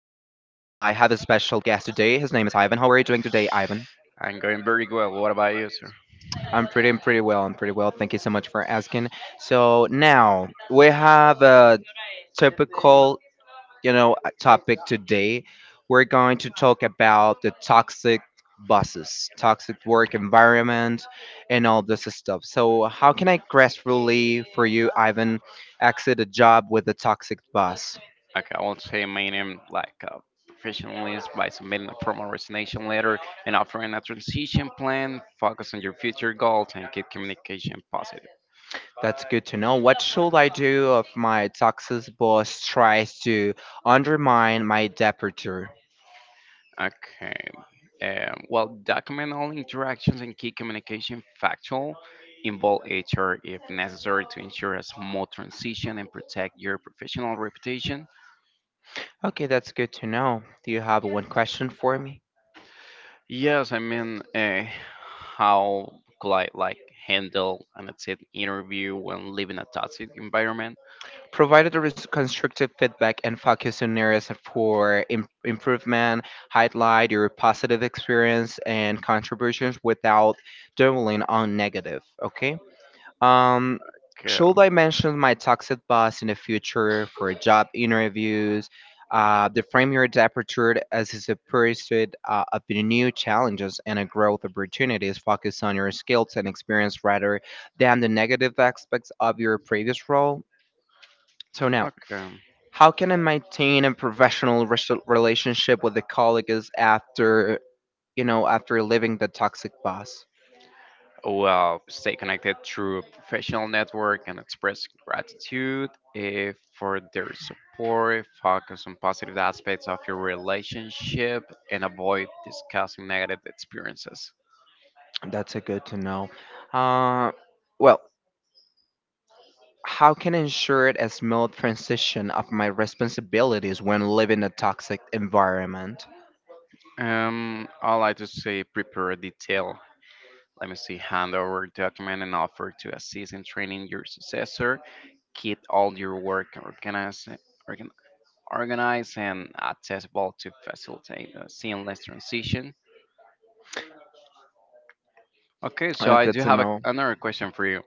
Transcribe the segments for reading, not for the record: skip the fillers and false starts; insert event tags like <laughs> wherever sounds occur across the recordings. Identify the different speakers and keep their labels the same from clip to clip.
Speaker 1: have a special guest today. His name is Ivan. How are you doing today, Ivan?
Speaker 2: I'm going very well. What about you, sir?
Speaker 1: I'm pretty well. I'm pretty well. Thank you so much for asking. So now we have a typical, a topic today. We're going to talk about the toxic buses, toxic work environment, and all this stuff. So how can I gracefully for you, Ivan, exit a job with a toxic boss?
Speaker 2: Okay, I won't say my name like a professionalist by submitting a formal resignation letter and offering a transition plan. Focus on your future goals and keep communication positive.
Speaker 1: That's good to know. What should I do if my toxic boss tries to undermine my departure?
Speaker 2: Okay. Well, document all interactions and key communication factual. Involve HR if necessary to ensure a smooth transition and protect your professional reputation.
Speaker 1: Okay, that's good to know. Do you have one question for me?
Speaker 2: Yes, I mean, how could I handle an exit interview when living a toxic environment?
Speaker 1: Provided there is constructive feedback and focus on areas for improvement, highlight your positive experience and contributions without dwelling on negative, okay? Um,
Speaker 2: Okay.
Speaker 1: should I mention my toxic boss in the future for job interviews? The frame your departure as is a pursuit of the new challenges and a growth opportunities. Focus on your skills and experience rather than the negative aspects of your previous role. So now,
Speaker 2: Okay.
Speaker 1: how can I maintain a professional relationship with the colleagues after after leaving the toxic boss?
Speaker 2: Well, stay connected through professional network and express gratitude for their support. Focus on positive aspects of your relationship and avoid discussing negative experiences.
Speaker 1: That's a good to know. Uh, well How can I ensure a smooth transition of my responsibilities when living in a toxic environment?
Speaker 2: I like to say prepare detailed. Let me see, hand over document and offer to assist in training your successor. Keep all your work organ, organized and accessible to facilitate a seamless transition. Okay, so I
Speaker 1: Good
Speaker 2: do
Speaker 1: to
Speaker 2: have a,
Speaker 1: know.
Speaker 2: another question for you.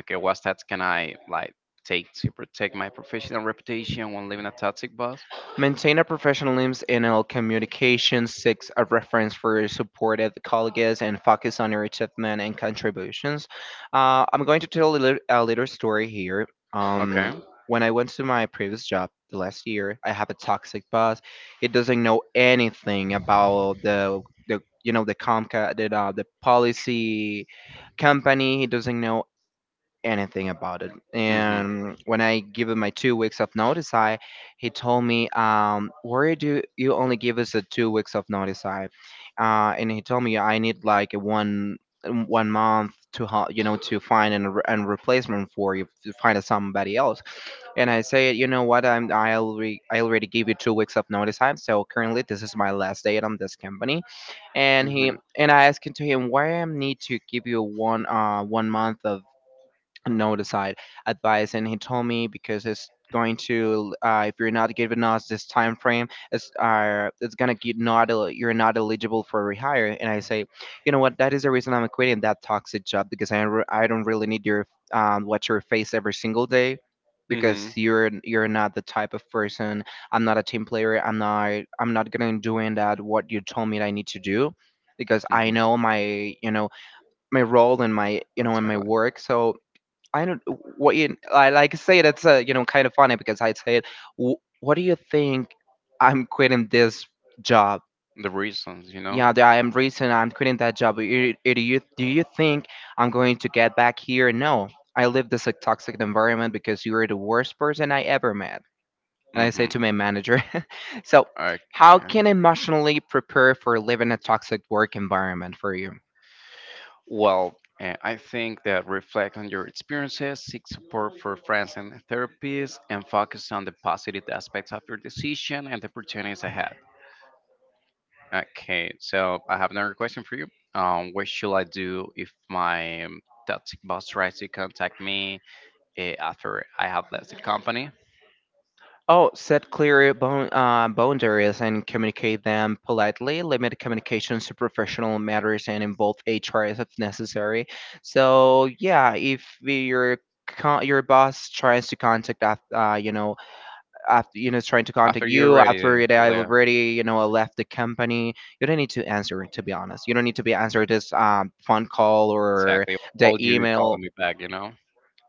Speaker 2: Okay, what steps can I take to protect my professional reputation when leaving a toxic boss?
Speaker 1: Maintain a professionalism in all communication, seek a reference for supported colleagues, and focus on your achievement and contributions. I'm going to tell a little story here.
Speaker 2: Okay.
Speaker 1: Um, when I went to my previous job the last year, I have a toxic boss. He doesn't know anything about the the the policy company. He doesn't know anything about it.
Speaker 2: Mm-hmm.
Speaker 1: And when I give him my 2 weeks of notice, I he told me, "Why do you only give us a 2 weeks of notice?" And he told me I need like a one month to to find an replacement for you to find somebody else. And I say, you know what, I already gave you 2 weeks of notice time, so currently this is my last day on this company. and he
Speaker 2: Mm-hmm.
Speaker 1: and I asked him to him, why I need to give you one month of no decide advice? And he told me because it's going to if you're not giving us this time frame, it's gonna get not el- you're not eligible for rehire. And I say, you know what, that is the reason I'm quitting that toxic job, because don't re- I don't really need your, watch your face every single day, because
Speaker 2: Mm-hmm.
Speaker 1: you're not the type of person. I'm not a team player. I'm not gonna doing that what you told me that I need to do, because I
Speaker 2: Mm-hmm.
Speaker 1: know my, my role, and my, and my
Speaker 2: Exactly.
Speaker 1: work. So I don't what you I like say that's you know, kind of funny, because I said, What do you think I'm quitting this job?
Speaker 2: The reasons, you know?
Speaker 1: Yeah, I am reason I'm quitting that job. Do you think I'm going to get back here? No, I live this like toxic environment because you are the worst person I ever met." And I say
Speaker 2: Mm-hmm.
Speaker 1: to my manager, <laughs> so how
Speaker 2: Okay.
Speaker 1: can I emotionally prepare for living a toxic work environment for you?
Speaker 2: Well, I think that reflect on your experiences, seek support for friends and therapists, and focus on the positive aspects of your decision and the opportunities ahead. Okay, so I have another question for you. What should I do if my toxic boss tries to contact me after I have left the company?
Speaker 1: Oh, set clear boundaries and communicate them politely. Limit communications to professional matters and involve HR if necessary. So yeah, if your your boss tries to contact after after trying to
Speaker 2: After
Speaker 1: contact
Speaker 2: you
Speaker 1: you
Speaker 2: already
Speaker 1: after they have
Speaker 2: left,
Speaker 1: already, left the company, you don't need to answer it. To be honest, you don't need to be answer this, phone call or
Speaker 2: exactly. Why
Speaker 1: the
Speaker 2: would you be
Speaker 1: email.
Speaker 2: calling me back? You know,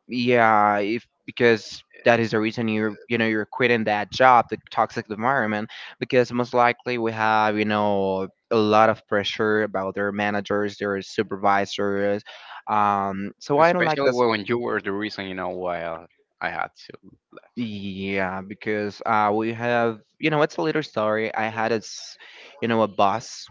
Speaker 1: Yeah, if because that is the reason you're, you're quitting that job, the toxic environment, because most likely we have, a lot of pressure about their managers, their supervisors. Um, so I don't like
Speaker 2: especially
Speaker 1: this.
Speaker 2: when you were the reason. You know why I had to.
Speaker 1: Yeah, because we have, it's a little story. I had a boss,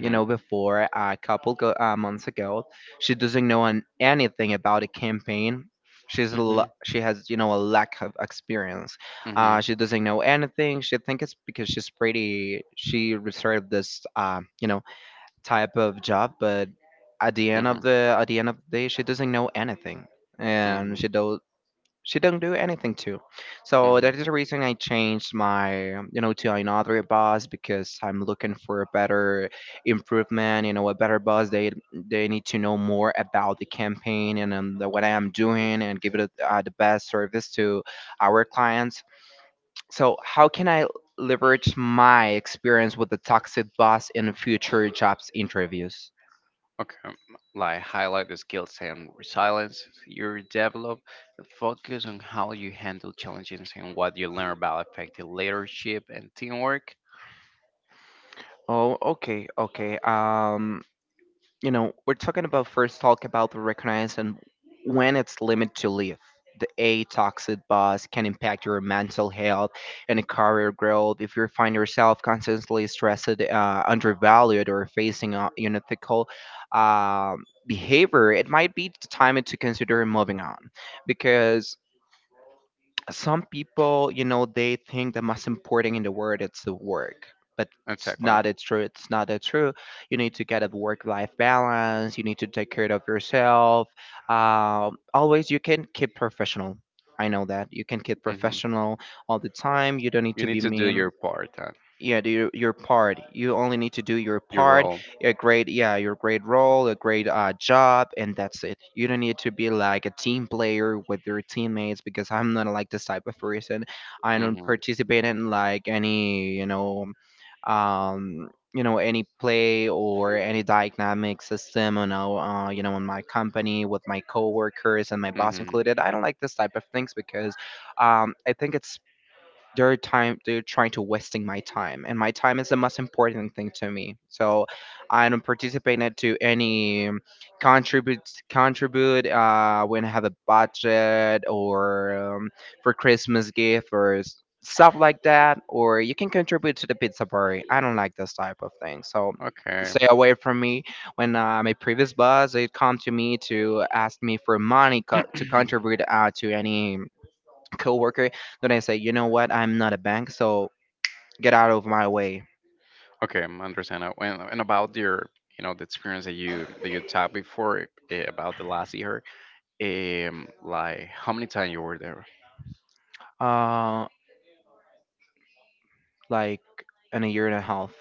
Speaker 1: you know, before a couple months ago. She doesn't know anything about a campaign.
Speaker 2: Mhm.
Speaker 1: She has, you know, a lack of experience.
Speaker 2: Mhm.
Speaker 1: She doesn't know anything. She think it's because she's pretty. She reserved this you know, type of job, but at the end of
Speaker 2: Mhm.
Speaker 1: the day, she doesn't know anything, and
Speaker 2: Mhm.
Speaker 1: she did not do anything to. So
Speaker 2: Mhm.
Speaker 1: that is the reason I changed my, you know, to another bus, because I'm looking for a better improvement, you know, a better bus. They need to know more about the campaign and, what I am doing, and give it a, the best service to our clients. So how can I leverage my experience with the toxic bus in future jobs interviews?
Speaker 2: Okay, like highlight the skills and resilience you develop, and focus on how you handle challenges and what you learn about effective leadership and teamwork.
Speaker 1: Oh, okay, okay. You know, we're talking about first talk about the recognizing when it's limit to live. The a toxic boss can impact your mental health and career growth. If you find yourself constantly stressed, undervalued, or facing unethical behavior, it might be the time to consider moving on, because some people, you know, they think the most important in the world it's the work, but it's
Speaker 2: Exactly.
Speaker 1: not it's true. It's not that true. You need to get a work-life balance. You need to take care of yourself. Always, you can keep professional. I know that you can keep
Speaker 2: Hmm.
Speaker 1: professional all the time. You don't need
Speaker 2: You
Speaker 1: to
Speaker 2: need
Speaker 1: be
Speaker 2: to do
Speaker 1: mean.
Speaker 2: your part,
Speaker 1: Yeah, do your part. You only need to do your
Speaker 2: your
Speaker 1: part,
Speaker 2: role.
Speaker 1: a great, yeah, your great role, a great job, and that's it. You don't need to be like a team player with your teammates, because I'm not like this type of person. I don't
Speaker 2: Hmm.
Speaker 1: participate in like any, um you know, any play or any dynamic system, you know, you know, in my company with my coworkers and my boss
Speaker 2: Hmm.
Speaker 1: included. I don't like this type of things, because I think it's they're trying to wasting my time, and my time is the most important thing to me. So I don't participate in to any, contribute, contribute, when I have a budget, or for christmas gift or stuff like that, or you can contribute to the pizza party. I don't like this type of thing. So
Speaker 2: Okay.
Speaker 1: stay away from me. When, my previous boss, they come to me to ask me for money to
Speaker 2: <clears throat>
Speaker 1: contribute to any coworker, then I say, you know what, I'm not a bank, so get out of my way.
Speaker 2: Okay, I understand. And about your, you know, the experience that you talked before about the last year, like how many times you were there?
Speaker 1: Uh, like in a year and a half,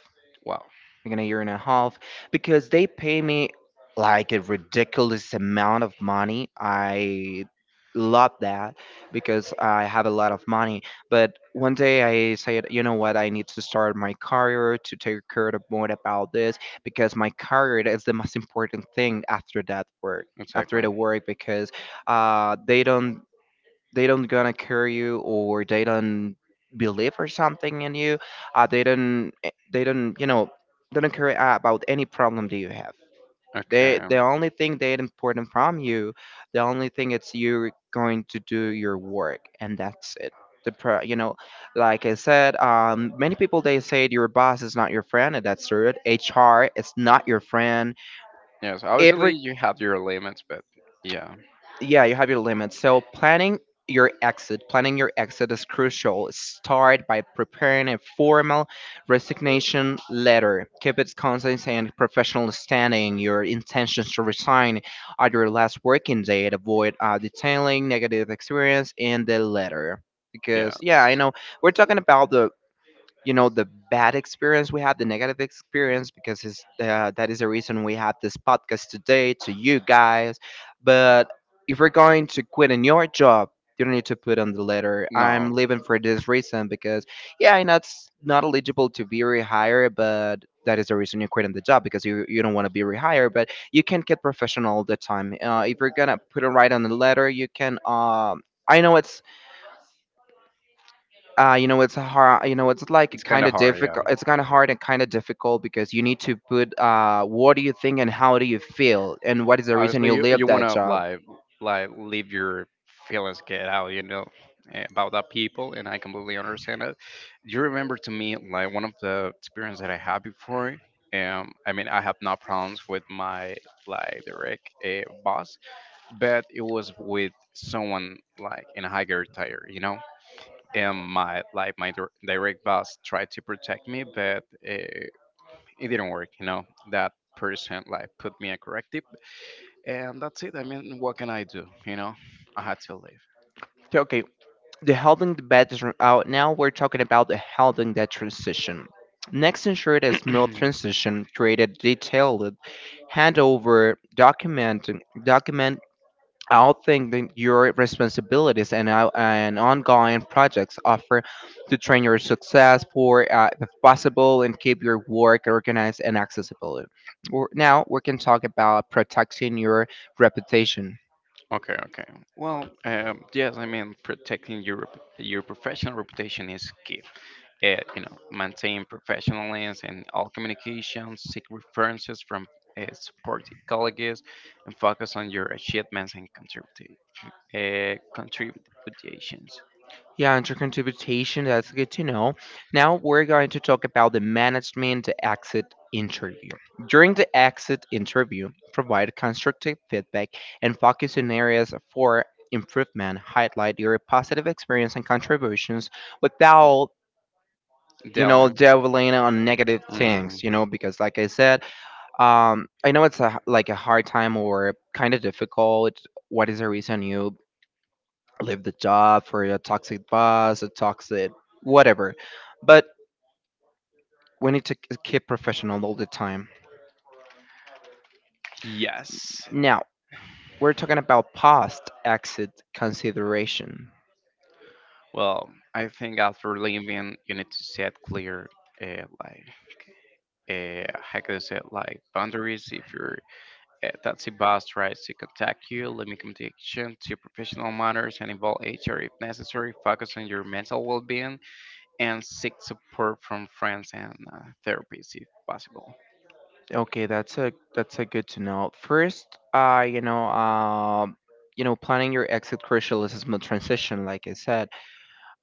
Speaker 2: Wow,
Speaker 1: like in a year and a half, because they pay me like a ridiculous amount of money. I love that because I have a lot of money. But one day I said, you know what, I need to start my career to take care of more about this, because my career is the most important thing after that work, after
Speaker 2: exactly.
Speaker 1: the work, because they don't, they don't gonna care you, or they don't believe or something in you, they don't they don't, you know, they don't care about any problem that you have.
Speaker 2: Okay.
Speaker 1: They
Speaker 2: Um.
Speaker 1: the only thing they important from you, the only thing it's you're going to do your work, and that's it. You know, like I said, many people they say your boss is not your friend, and that's true. HR is not your friend.
Speaker 2: Yes. Obviously,
Speaker 1: Every,
Speaker 2: you have your limits, but yeah,
Speaker 1: yeah, you have your limits. So planning your exit, planning your exit is crucial. Start by preparing a formal resignation letter. Keep it concise and professional, standing your intentions to resign at your last working day, and avoid detailing negative experience in the letter,
Speaker 2: yeah.
Speaker 1: because yeah, I know we're talking about the, you know, the bad experience we had, the negative experience, because his, that is the reason we have this podcast today to you guys. But if you're going to quit in your job, you don't need to put on the letter,
Speaker 2: No,
Speaker 1: I'm leaving for this reason, because yeah, I'm not, s- not eligible to be rehired. But that is the reason you quit in the job, because you don't want to be rehired. But you can get professional all the time. If you're gonna put it right on the letter, you can, I know it's you know, it's hard. You know, it's like
Speaker 2: it's kind
Speaker 1: kind
Speaker 2: of
Speaker 1: of
Speaker 2: hard. Yeah.
Speaker 1: difficult. It's kind of hard and kind of difficult because you need to put what do you think and how do you feel and what is the reason
Speaker 2: Obviously,
Speaker 1: you
Speaker 2: you
Speaker 1: leave that
Speaker 2: wanna
Speaker 1: job.
Speaker 2: like leave your feelings get out, you know, about that people, and I completely understand it. You remember to me like one of the experience that I had before. I mean, I have no problems with my like direct boss, but it was with someone like in a higher tier, you know. And my like my direct boss tried to protect me, but it didn't work, you know. That person like put me a corrective, and that's it. I mean, what can I do? You know, I had to leave.
Speaker 1: So, okay, the helping the bad is out now. We're talking about the helping that transition. Next, ensured a smooth
Speaker 2: <clears throat>
Speaker 1: transition. Created detailed handover document documented outthink your responsibilities and and ongoing projects offer to train your success for if possible, and keep your work organized and accessible. Now we can talk about protecting your reputation.
Speaker 2: Okay, okay. Well, yes, I mean protecting your your professional reputation is key. You know, maintain professionalism in all communications, seek references from supportive colleagues, and focus on your achievements and contributions.
Speaker 1: Yeah, and your contribution, that's good to know. Now we're going to talk about the management exit interview. During the exit interview, provide constructive feedback and focus on areas for improvement, highlight your positive experience and contributions without
Speaker 2: Dylan.
Speaker 1: dwelling on negative
Speaker 2: Hmm.
Speaker 1: things, you know, because like I said, I know it's a, like a hard time or kind of difficult. What is the reason you leave the job? For a toxic boss, a toxic whatever. But we need to keep professional all the time.
Speaker 2: Yes.
Speaker 1: Now, we're talking about past exit consideration.
Speaker 2: Well, I think after leaving, you need to set clear, uh, like, how can I say, it, like boundaries if you're. Taxi bus rides to contact you, limit communication to professional matters, and involve HR if necessary. Focus on your mental well being and seek support from friends and therapists if possible.
Speaker 1: Okay, that's a good to know. First, uh, you know, um, planning your exit crucial is a smooth transition, like I said.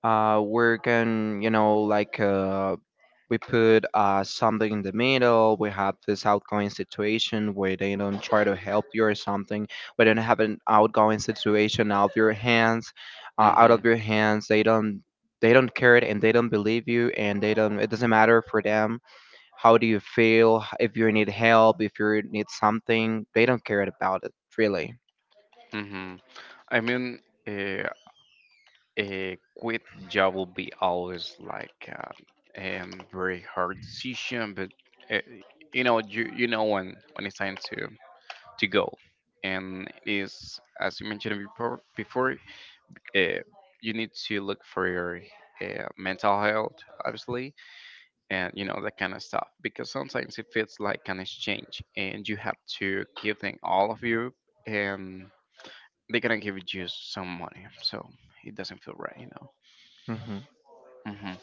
Speaker 1: We can, we put something in the middle. We have this outgoing situation where they don't try to help you or something. We don't have an outgoing situation out of your hands, out of
Speaker 2: Mm-hmm.
Speaker 1: your hands. They don't care it, and they don't believe you, and they don't, it doesn't matter for them. How do you feel if you need help, if you need something? They don't care about it, really.
Speaker 2: Mm-hmm. I mean, uh, a quit job will be always like a very hard decision, but uh, you know, you know when it's time to go, and it is as you mentioned before uh, you need to look for your mental health, obviously, and you know that kind of stuff. Because sometimes it feels like an exchange, and you have to give them all of you, and they're gonna give you just some money, so it doesn't feel right, you know.
Speaker 1: Hmm.
Speaker 2: Hmm.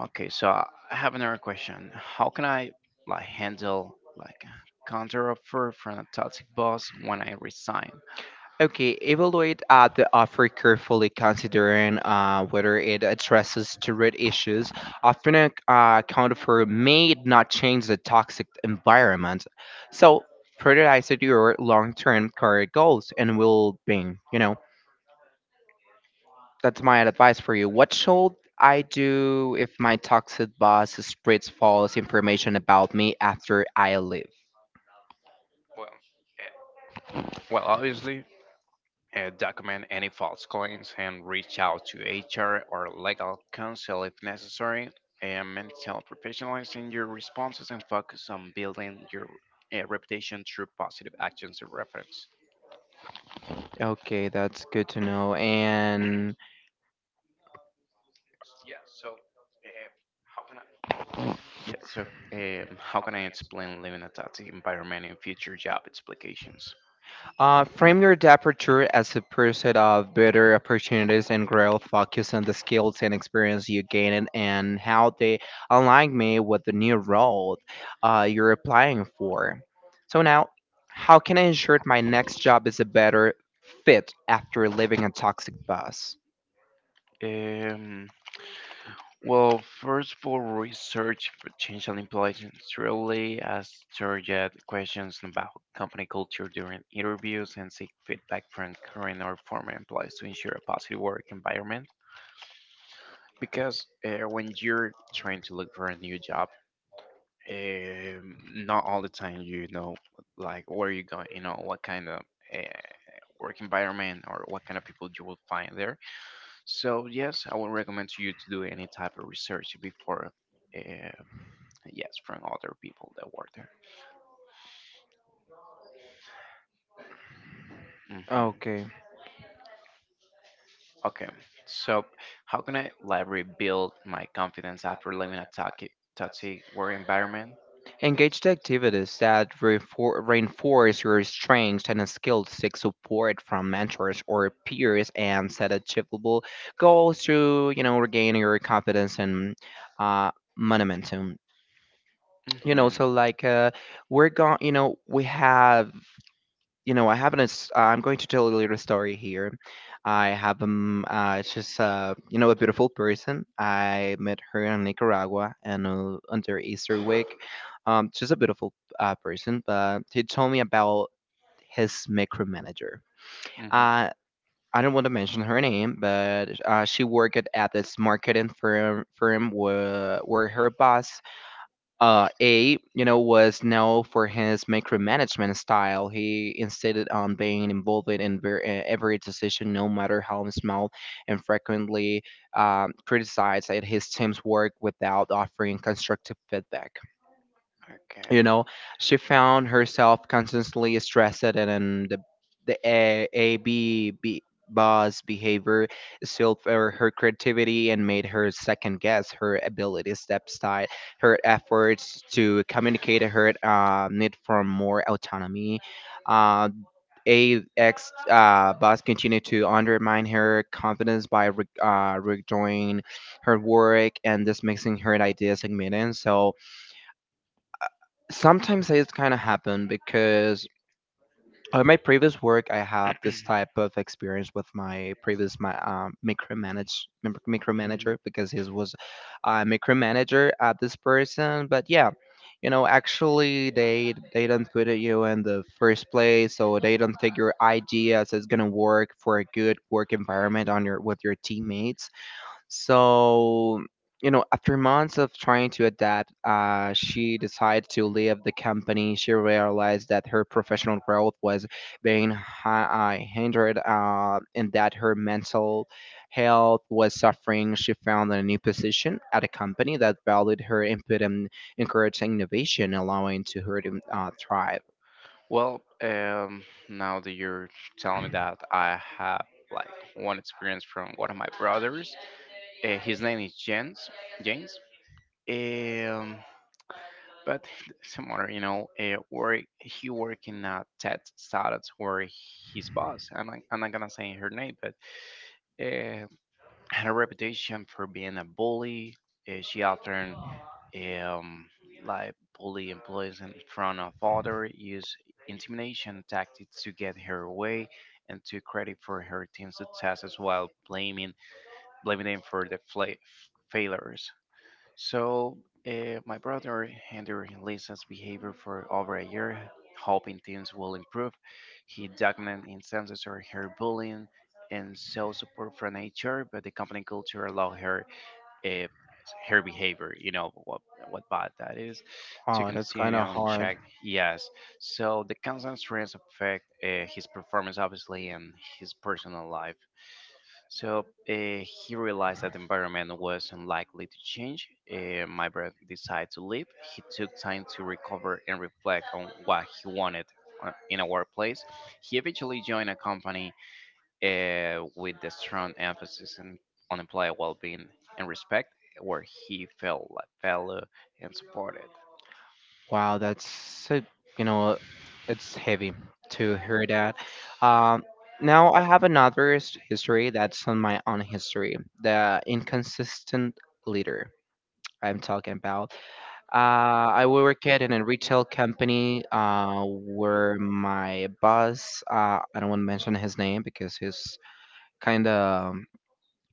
Speaker 2: Okay, so I have another question. How can I handle like a counter offer from a toxic boss when I resign?
Speaker 1: Okay, evaluate the offer carefully, considering whether it addresses the root issues. Often, a counteroffer may not change the toxic environment, so prioritize it your long-term career goals and well-being. You know, that's my advice for you. What should I do if my toxic boss spreads false information about me after I leave?
Speaker 2: Well, eh, well, obviously, document any false claims and reach out to HR or legal counsel if necessary. And maintain professionalism your responses and focus on building your reputation through positive actions and reference.
Speaker 1: Okay, that's good to know. And
Speaker 2: Yeah. So, how can I? Yeah. So, how can I explain living at that environment in future job applications?
Speaker 1: Frame your departure as a pursuit of better opportunities and growth. Focus on the skills and experience you gain, and how they align me with the new role you're applying for. So now, how can I ensure my next job is a better fit after leaving a toxic boss?
Speaker 2: Um, Well, first for research potential employees, really ask target questions about company culture during interviews and seek feedback from current or former employees to ensure a positive work environment. Because when you're trying to look for a new job, um, not all the time you know like where you going, you know what kind of uh, work environment or what kind of people you will find there. So yes, I would recommend to you to do any type of research before. Uh, Yes, from other people that work there. Hmm.
Speaker 1: Okay.
Speaker 2: Okay, so how can I rebuild my confidence after leaving a toxic work environment?
Speaker 1: Engage the activities that reinforce your strengths and skills. Seek support from mentors or peers, and set achievable goals to, you know, regain your confidence and uh, momentum. You know,
Speaker 2: Hmm.
Speaker 1: so we're going. You know, we have, you know, I have an. I'm going to tell you a little story here. I have just you know, a beautiful person. I met her in Nicaragua, and under Easter week. She's a beautiful person, but he told me about his micromanager.
Speaker 2: Hmm.
Speaker 1: Uh, I don't want to mention her name, but she worked at this marketing firm where her boss A, you know, was known for his micromanagement style. He insisted on being involved in every decision, no matter how small, and frequently criticized at his team's work without offering constructive feedback,
Speaker 2: Okay.
Speaker 1: you know. She found herself constantly stressed, and then the a b b boss behavior still for her creativity and made her second guess her ability step aside her efforts to communicate her need for more autonomy. Uh, a X boss continued to undermine her confidence by redoing her work and dismissing her ideas and meetings. So sometimes it's kind of happened because on my previous work, I have this
Speaker 2: <clears throat>
Speaker 1: type of experience with my previous my micromanage mic-
Speaker 2: Mhm.
Speaker 1: micromanager, because he was a micromanager at this person. But yeah, you know, actually they don't put you in the first place, so they don't think your ideas is gonna work for a good work environment on your with your teammates. So, you know, after months of trying to adapt, she decided to leave the company. She realized that her professional growth was being hindered, and that her mental health was suffering. She found a new position at a company that valued her input and encouraged innovation, allowing to her to thrive.
Speaker 2: Well, now that you're telling me that, I have like one experience from one of my brothers. His name is Jens. James. Um, but <laughs> similar, you know, work he work in a tech startup where his boss. I'm not gonna say her name, but uh, had a reputation for being a bully. She often um, like bully employees in front of others, use intimidation tactics to get her way, and took credit for her team's successes while blaming them for the failures. So my brother handled Lisa's behavior for over a year, hoping things will improve. He documented instances of her bullying and saw support from HR, but the company culture allowed her uh, her behavior, you know what bad that is, to
Speaker 1: Oh, that's kind
Speaker 2: continue
Speaker 1: of
Speaker 2: on
Speaker 1: hard.
Speaker 2: check. Yes, so the constant stress affect his performance obviously and his personal life. So he realized that the environment was unlikely to change. Uh, my brother decided to leave. He took time to recover and reflect on what he wanted in a workplace. He eventually joined a company with the strong emphasis on employee well-being and respect, where he felt like valued and supported.
Speaker 1: Wow, that's a, you know, it's heavy to hear that. Um, now I have another history that's on my own history. The inconsistent leader I'm talking about. Uh, I worked in a retail company where my boss, I don't want to mention his name because he's kind of,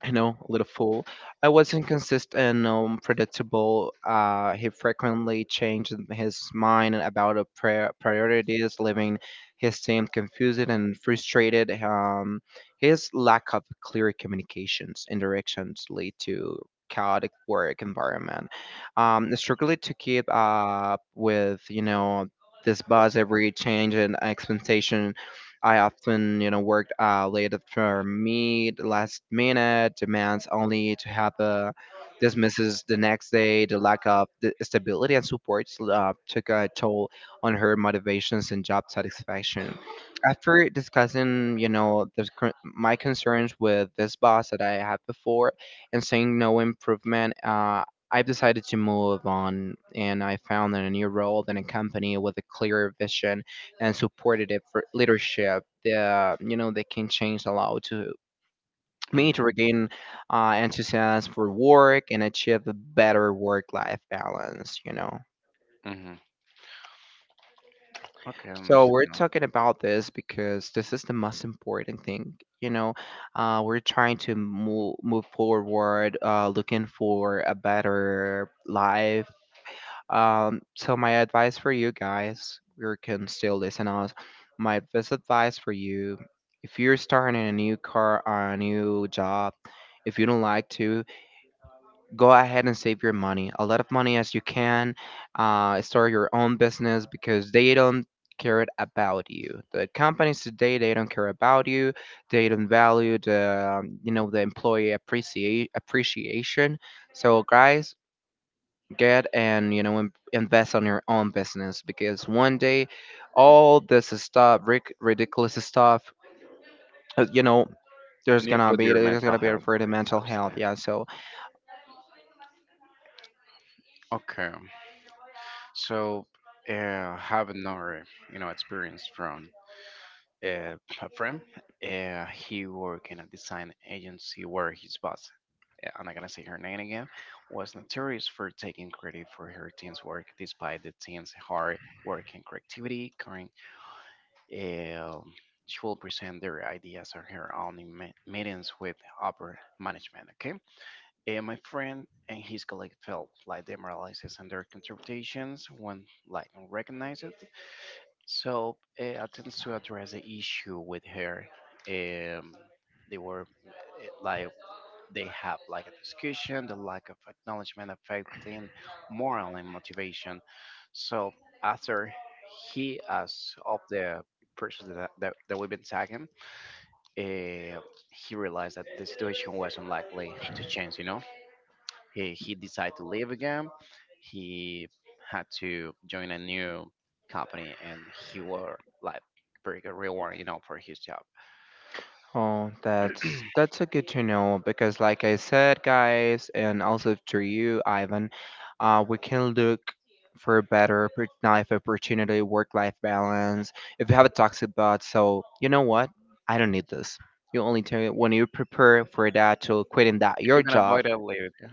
Speaker 1: I know, a little fool. I was inconsistent and unpredictable. He frequently changed his mind about a priorities, leaving his team confused and frustrated. His lack of clear communications and directions lead to chaotic work environment. Struggling to keep up with, you know, this buzz every change and expectation, I often, you know, worked late for me, the last minute demands only to have a dismisses the next day. The lack of the stability and support so, took a toll on her motivations and job satisfaction. After discussing, you know, the, my concerns with this boss that I had before and seeing no improvement, I've decided to move on, and I found a new role in a company with a clear vision and supportive for leadership. The, you know, they can change a lot to me to
Speaker 2: Hmm.
Speaker 1: regain enthusiasm for work and achieve a better work life balance, you know.
Speaker 2: Hmm. Okay, I
Speaker 1: So we're
Speaker 2: understand.
Speaker 1: talking about this because this is the most important thing, you know. We're trying to move forward, looking for a better life. So my advice for you guys, you can still listen us. My best advice for you, if you're starting a new car or a new job, if you don't like to, go ahead and save your money, a lot of money as you can. Start your own business, because they don't care about you. The companies today, they don't care about you. They don't value the you know, the employee appreciate appreciation. So guys, get and, you know, invest on your own business, because one day all this ridiculous stuff, you know, there's
Speaker 2: You need to
Speaker 1: gonna
Speaker 2: put
Speaker 1: be
Speaker 2: your
Speaker 1: there's
Speaker 2: mental
Speaker 1: gonna be a
Speaker 2: health
Speaker 1: for the
Speaker 2: first,
Speaker 1: mental health,
Speaker 2: obviously.
Speaker 1: yeah. So
Speaker 2: Okay, so have another, you know, experience from uh, friend. He worked in a design agency where his boss, I'm not gonna say her name again, was notorious for taking credit for her team's work despite the team's hard work and creativity. Karen, um she will present their ideas on her own in meetings with upper management. Okay, and my friend and his colleague felt like demoralized and their contributions when like unrecognized. So attempts to address the issue with her, um, they were eh, like they have like a discussion, the lack of acknowledgement affecting moral and motivation. So after he, as of the person that we've been tagging, uh, he realized that the situation was unlikely to change. You know, he decided to leave again. He had to join a new company and he were like pretty good reward, you know, for his job.
Speaker 1: oh, that's <clears throat> that's a good to know because, like I said, guys, and also to you, Ivan, we can look for a better life opportunity, work-life balance. If you have a toxic boss, so you know what? I don't need this. You only tell when you prepare for that to quitting that
Speaker 2: If
Speaker 1: your
Speaker 2: you can
Speaker 1: job.
Speaker 2: avoid it, leave it. Yeah.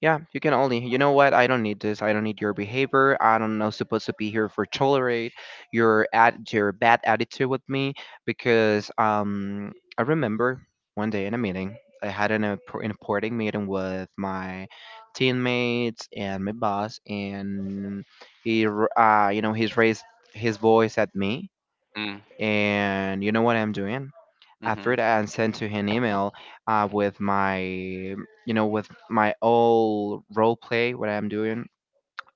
Speaker 1: Yeah, you can only, you know what? I don't need this. I don't need your behavior. I don't know supposed to be here for tolerate your at your bad attitude with me, because I remember one day in a meeting I had an important meeting with my teammates and my boss, and he you know, he's raised his voice at me.
Speaker 2: Mm,
Speaker 1: And you know what I'm doing?
Speaker 2: mm-hmm,
Speaker 1: After that, and sent to him an email with my, you know, with my all role play what I'm doing.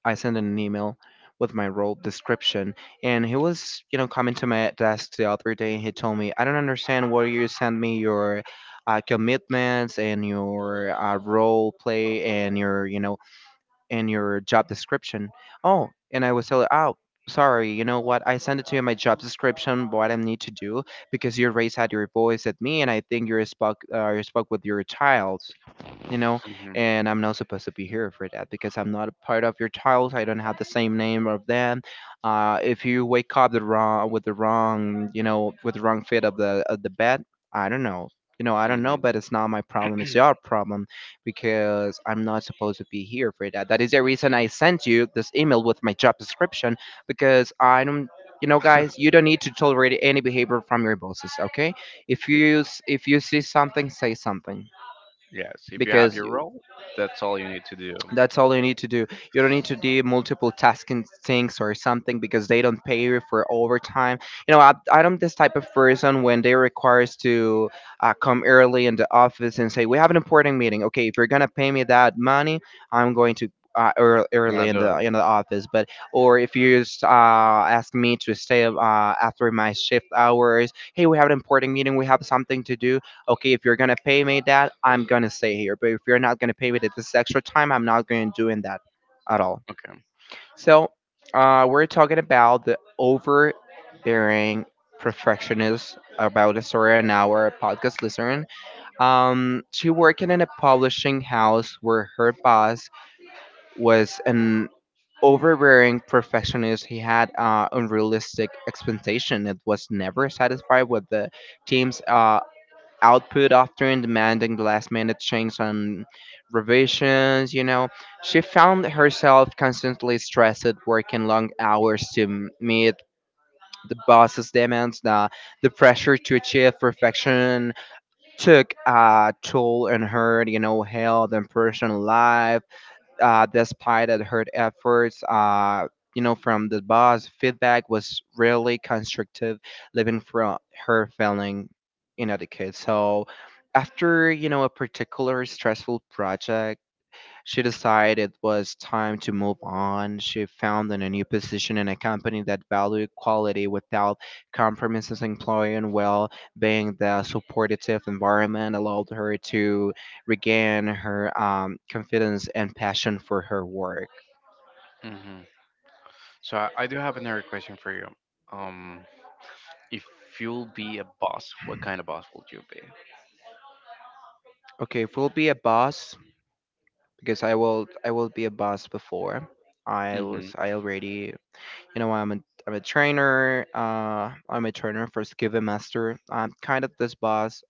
Speaker 1: I sent an email with my role description, and he was, you know, coming to my desk the other day, and he told me, I don't understand why you send me your commitments and your role play and your, you know, in your job description. Oh, and I was like, oh, sorry, you know what? I sent it to you in my job description, what I need to do, because you raised out your voice at me, and I think you're spoke you spoke with your child, you know,
Speaker 2: mm-hmm,
Speaker 1: and I'm not supposed to be here for that, because I'm not a part of your child. I don't have the same name of them. If you wake up the wrong with the wrong, you know, with the wrong fit of the bed, I don't know. You know, I don't know,
Speaker 2: mm-hmm.
Speaker 1: but it's not my problem. It's your problem, because I'm not supposed to be here for that. That is the reason I sent you this email with my job description, because I don't. You know, guys, you don't need to tolerate any behavior from your bosses. Okay, if
Speaker 2: You,
Speaker 1: you if you see something, say something,
Speaker 2: yes, if you have
Speaker 1: because
Speaker 2: your role, that's all you need to do.
Speaker 1: that's all you need to do. You don't need to do multiple tasking things or something, because they don't pay you for overtime. You know, I'm this type of person when they require us to come early in the office and say, we have an important meeting. Okay, if you're going to pay me that money, I'm going to.
Speaker 2: You
Speaker 1: Early
Speaker 2: gotta
Speaker 1: in
Speaker 2: do
Speaker 1: the
Speaker 2: it.
Speaker 1: office, but or if you just ask me to stay after my shift hours, hey, we have an important meeting, we have something to do okay, if you're gonna pay me that, I'm gonna stay here. But if you're not gonna pay me that this extra time, I'm not gonna doing that at all.
Speaker 2: Okay.
Speaker 1: So we're talking about the overbearing perfectionist about a story an hour podcast listener. She working in a publishing house where her boss was an overbearing perfectionist. He had unrealistic expectation. It was never satisfied with the team's output often demanding the last minute changes and revisions, you know. She found herself constantly stressed, working long hours to meet the boss's demands. The pressure to achieve perfection took a toll on her, you know, health and personal life despite of her efforts, you know, from the boss, feedback was really constructive, living from her feeling inadequate. So after, you know, a particular stressful project, she decided it was time to move on. She found a new position in a company that valued quality without compromises employing well being the supportive environment allowed her to regain her confidence and passion for her work.
Speaker 2: Hmm. So I do have another question for you. Um, if you'll be a boss, what kind of boss would you be?
Speaker 1: Okay, if we'll be a boss because I will be a boss before. I
Speaker 2: Mm-hmm.
Speaker 1: was I already You know, I'm a trainer. I'm a trainer for Skiva Master. I'm kind of this boss.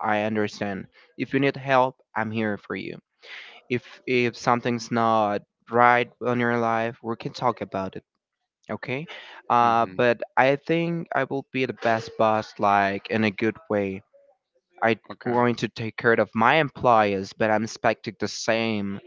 Speaker 1: I understand. If you need help, I'm here for you. If something's not right on your life, we can talk about it. Okay?
Speaker 2: Mm-hmm.
Speaker 1: But I think I will be the best boss, like in a good way. I'm
Speaker 2: Okay.
Speaker 1: going to take care of my employers, but I'm expecting the same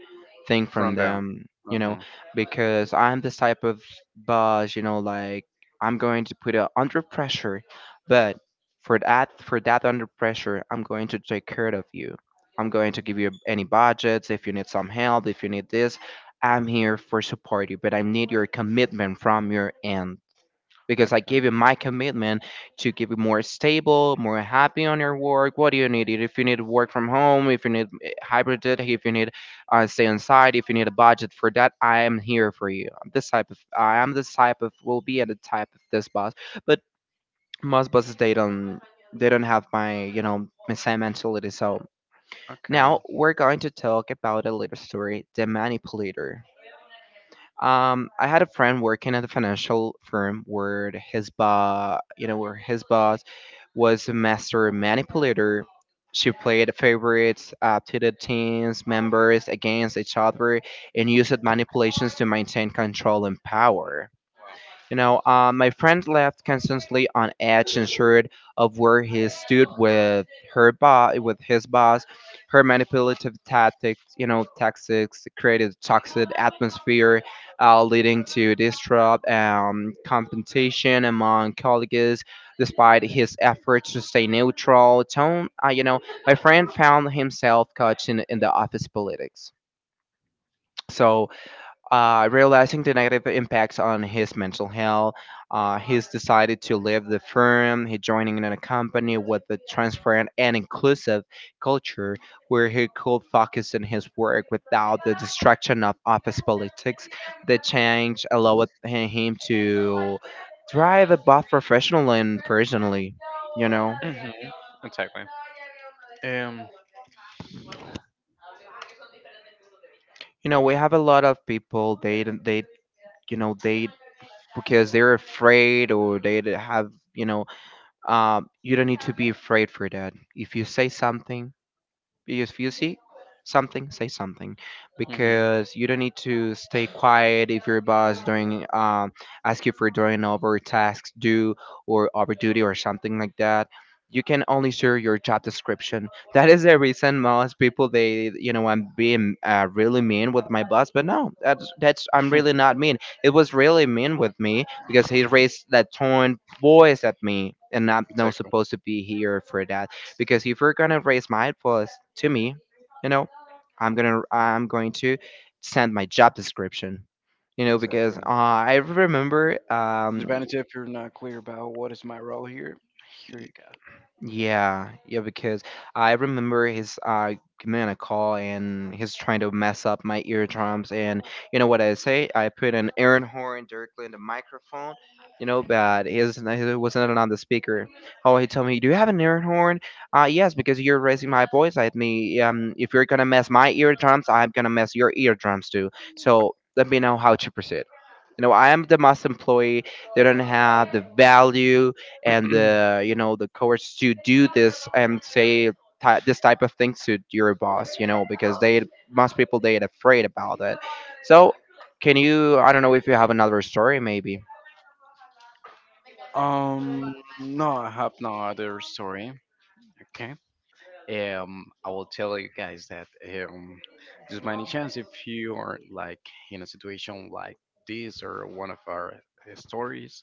Speaker 1: thing from
Speaker 2: From down.
Speaker 1: them,
Speaker 2: Uh
Speaker 1: you know,
Speaker 2: huh.
Speaker 1: because I'm this type of boss, you know, like I'm going to put it under pressure, but for that under pressure, I'm going to take care of you. I'm going to give you any budgets if you need some help, if you need this, I'm here for support you, but I need your commitment from your end because I
Speaker 2: Okay.
Speaker 1: gave you my commitment to give you more stable, more happy on your work. What do you need? If you need to work from home, if you need eh, hybrid, if you need stay inside, if you need a budget for that, I am here for you. I'm this type of I am this type of will be at the type of this boss. But most bosses they don't have my you know my same mentality. So now
Speaker 2: Okay.
Speaker 1: we're going to talk about a little story, the manipulator. I had a friend working at a financial firm where his boss, you know, where his boss was a master manipulator. She played favorites to the team's members against each other and used manipulations to maintain control and power. You know, my friend left constantly on edge, unsure of where he stood with with his boss. Her manipulative tactics, you know, tactics created a toxic atmosphere, leading to distrust, competition among colleagues. Despite his efforts to stay neutral, tone, you know, my friend found himself caught in the office politics. So, realizing the negative impacts on his mental health, he's decided to leave the firm. He joining in a company with a transparent and inclusive culture where he could focus on his work without the distraction of office politics. The change allowed him to thrive both professionally and personally. You know.
Speaker 2: Mm-hmm. Exactly. Um.
Speaker 1: You know, we have a lot of people they don't they you know they because they're afraid or have you know you don't need to be afraid for that if you say something because if you see something, say something.
Speaker 2: Mm-hmm.
Speaker 1: Because you don't need to stay quiet if your boss doing ask you for doing over tasks due or over duty or something like that. You can only share your job description. That is the reason most people they you know I'm being really mean with my boss, but no, that's I'm really not mean. It was really mean with me because he raised that tone voice at me, and I'm not
Speaker 2: Exactly.
Speaker 1: supposed to be here for that because if you're gonna raise my eyebrows to me, you know, I'm going to send my job description. You know,
Speaker 2: Exactly.
Speaker 1: because I remember
Speaker 2: Disadvantage if you're not clear about what is my role here. Here you go.
Speaker 1: yeah, yeah, because I remember he's giving me a call and he's trying to mess up my eardrums and you know what I say? I put an air horn directly in the microphone, you know, but he was not on the speaker. Oh, he told me, "Do you have an air horn?" Yes, because you're raising my voice at me. If you're gonna mess my eardrums, I'm gonna mess your eardrums too. So let me know how to proceed. You know, I am the must employee. They don't have the value and you know the courage to do this and say ty this type of things to your boss you know because they most people they are afraid about it so can you I don't know if you have another story maybe
Speaker 2: Um, no, I have no other story. Okay. I will tell you guys that um, just by any chance, if you are like in a situation like this or one of our stories,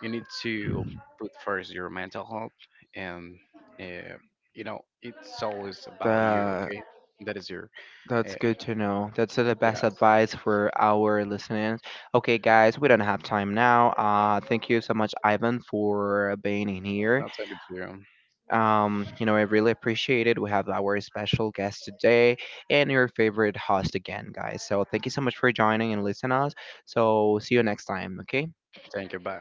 Speaker 2: you need to put first your mental health, and uh, you know it's always about you.
Speaker 1: the
Speaker 2: Okay, that is your
Speaker 1: that's
Speaker 2: uh,
Speaker 1: good to know. That's the best
Speaker 2: yes.
Speaker 1: advice for our listeners. Okay, guys, we don't have time now. Thank you so much, Ivan, for being in here.
Speaker 2: I'll take it to you.
Speaker 1: You know, I really appreciate it. We have our special guest today and your favorite host again, guys. So thank you so much for joining and listening us. So see you next time, okay?
Speaker 2: Thank you. Bye.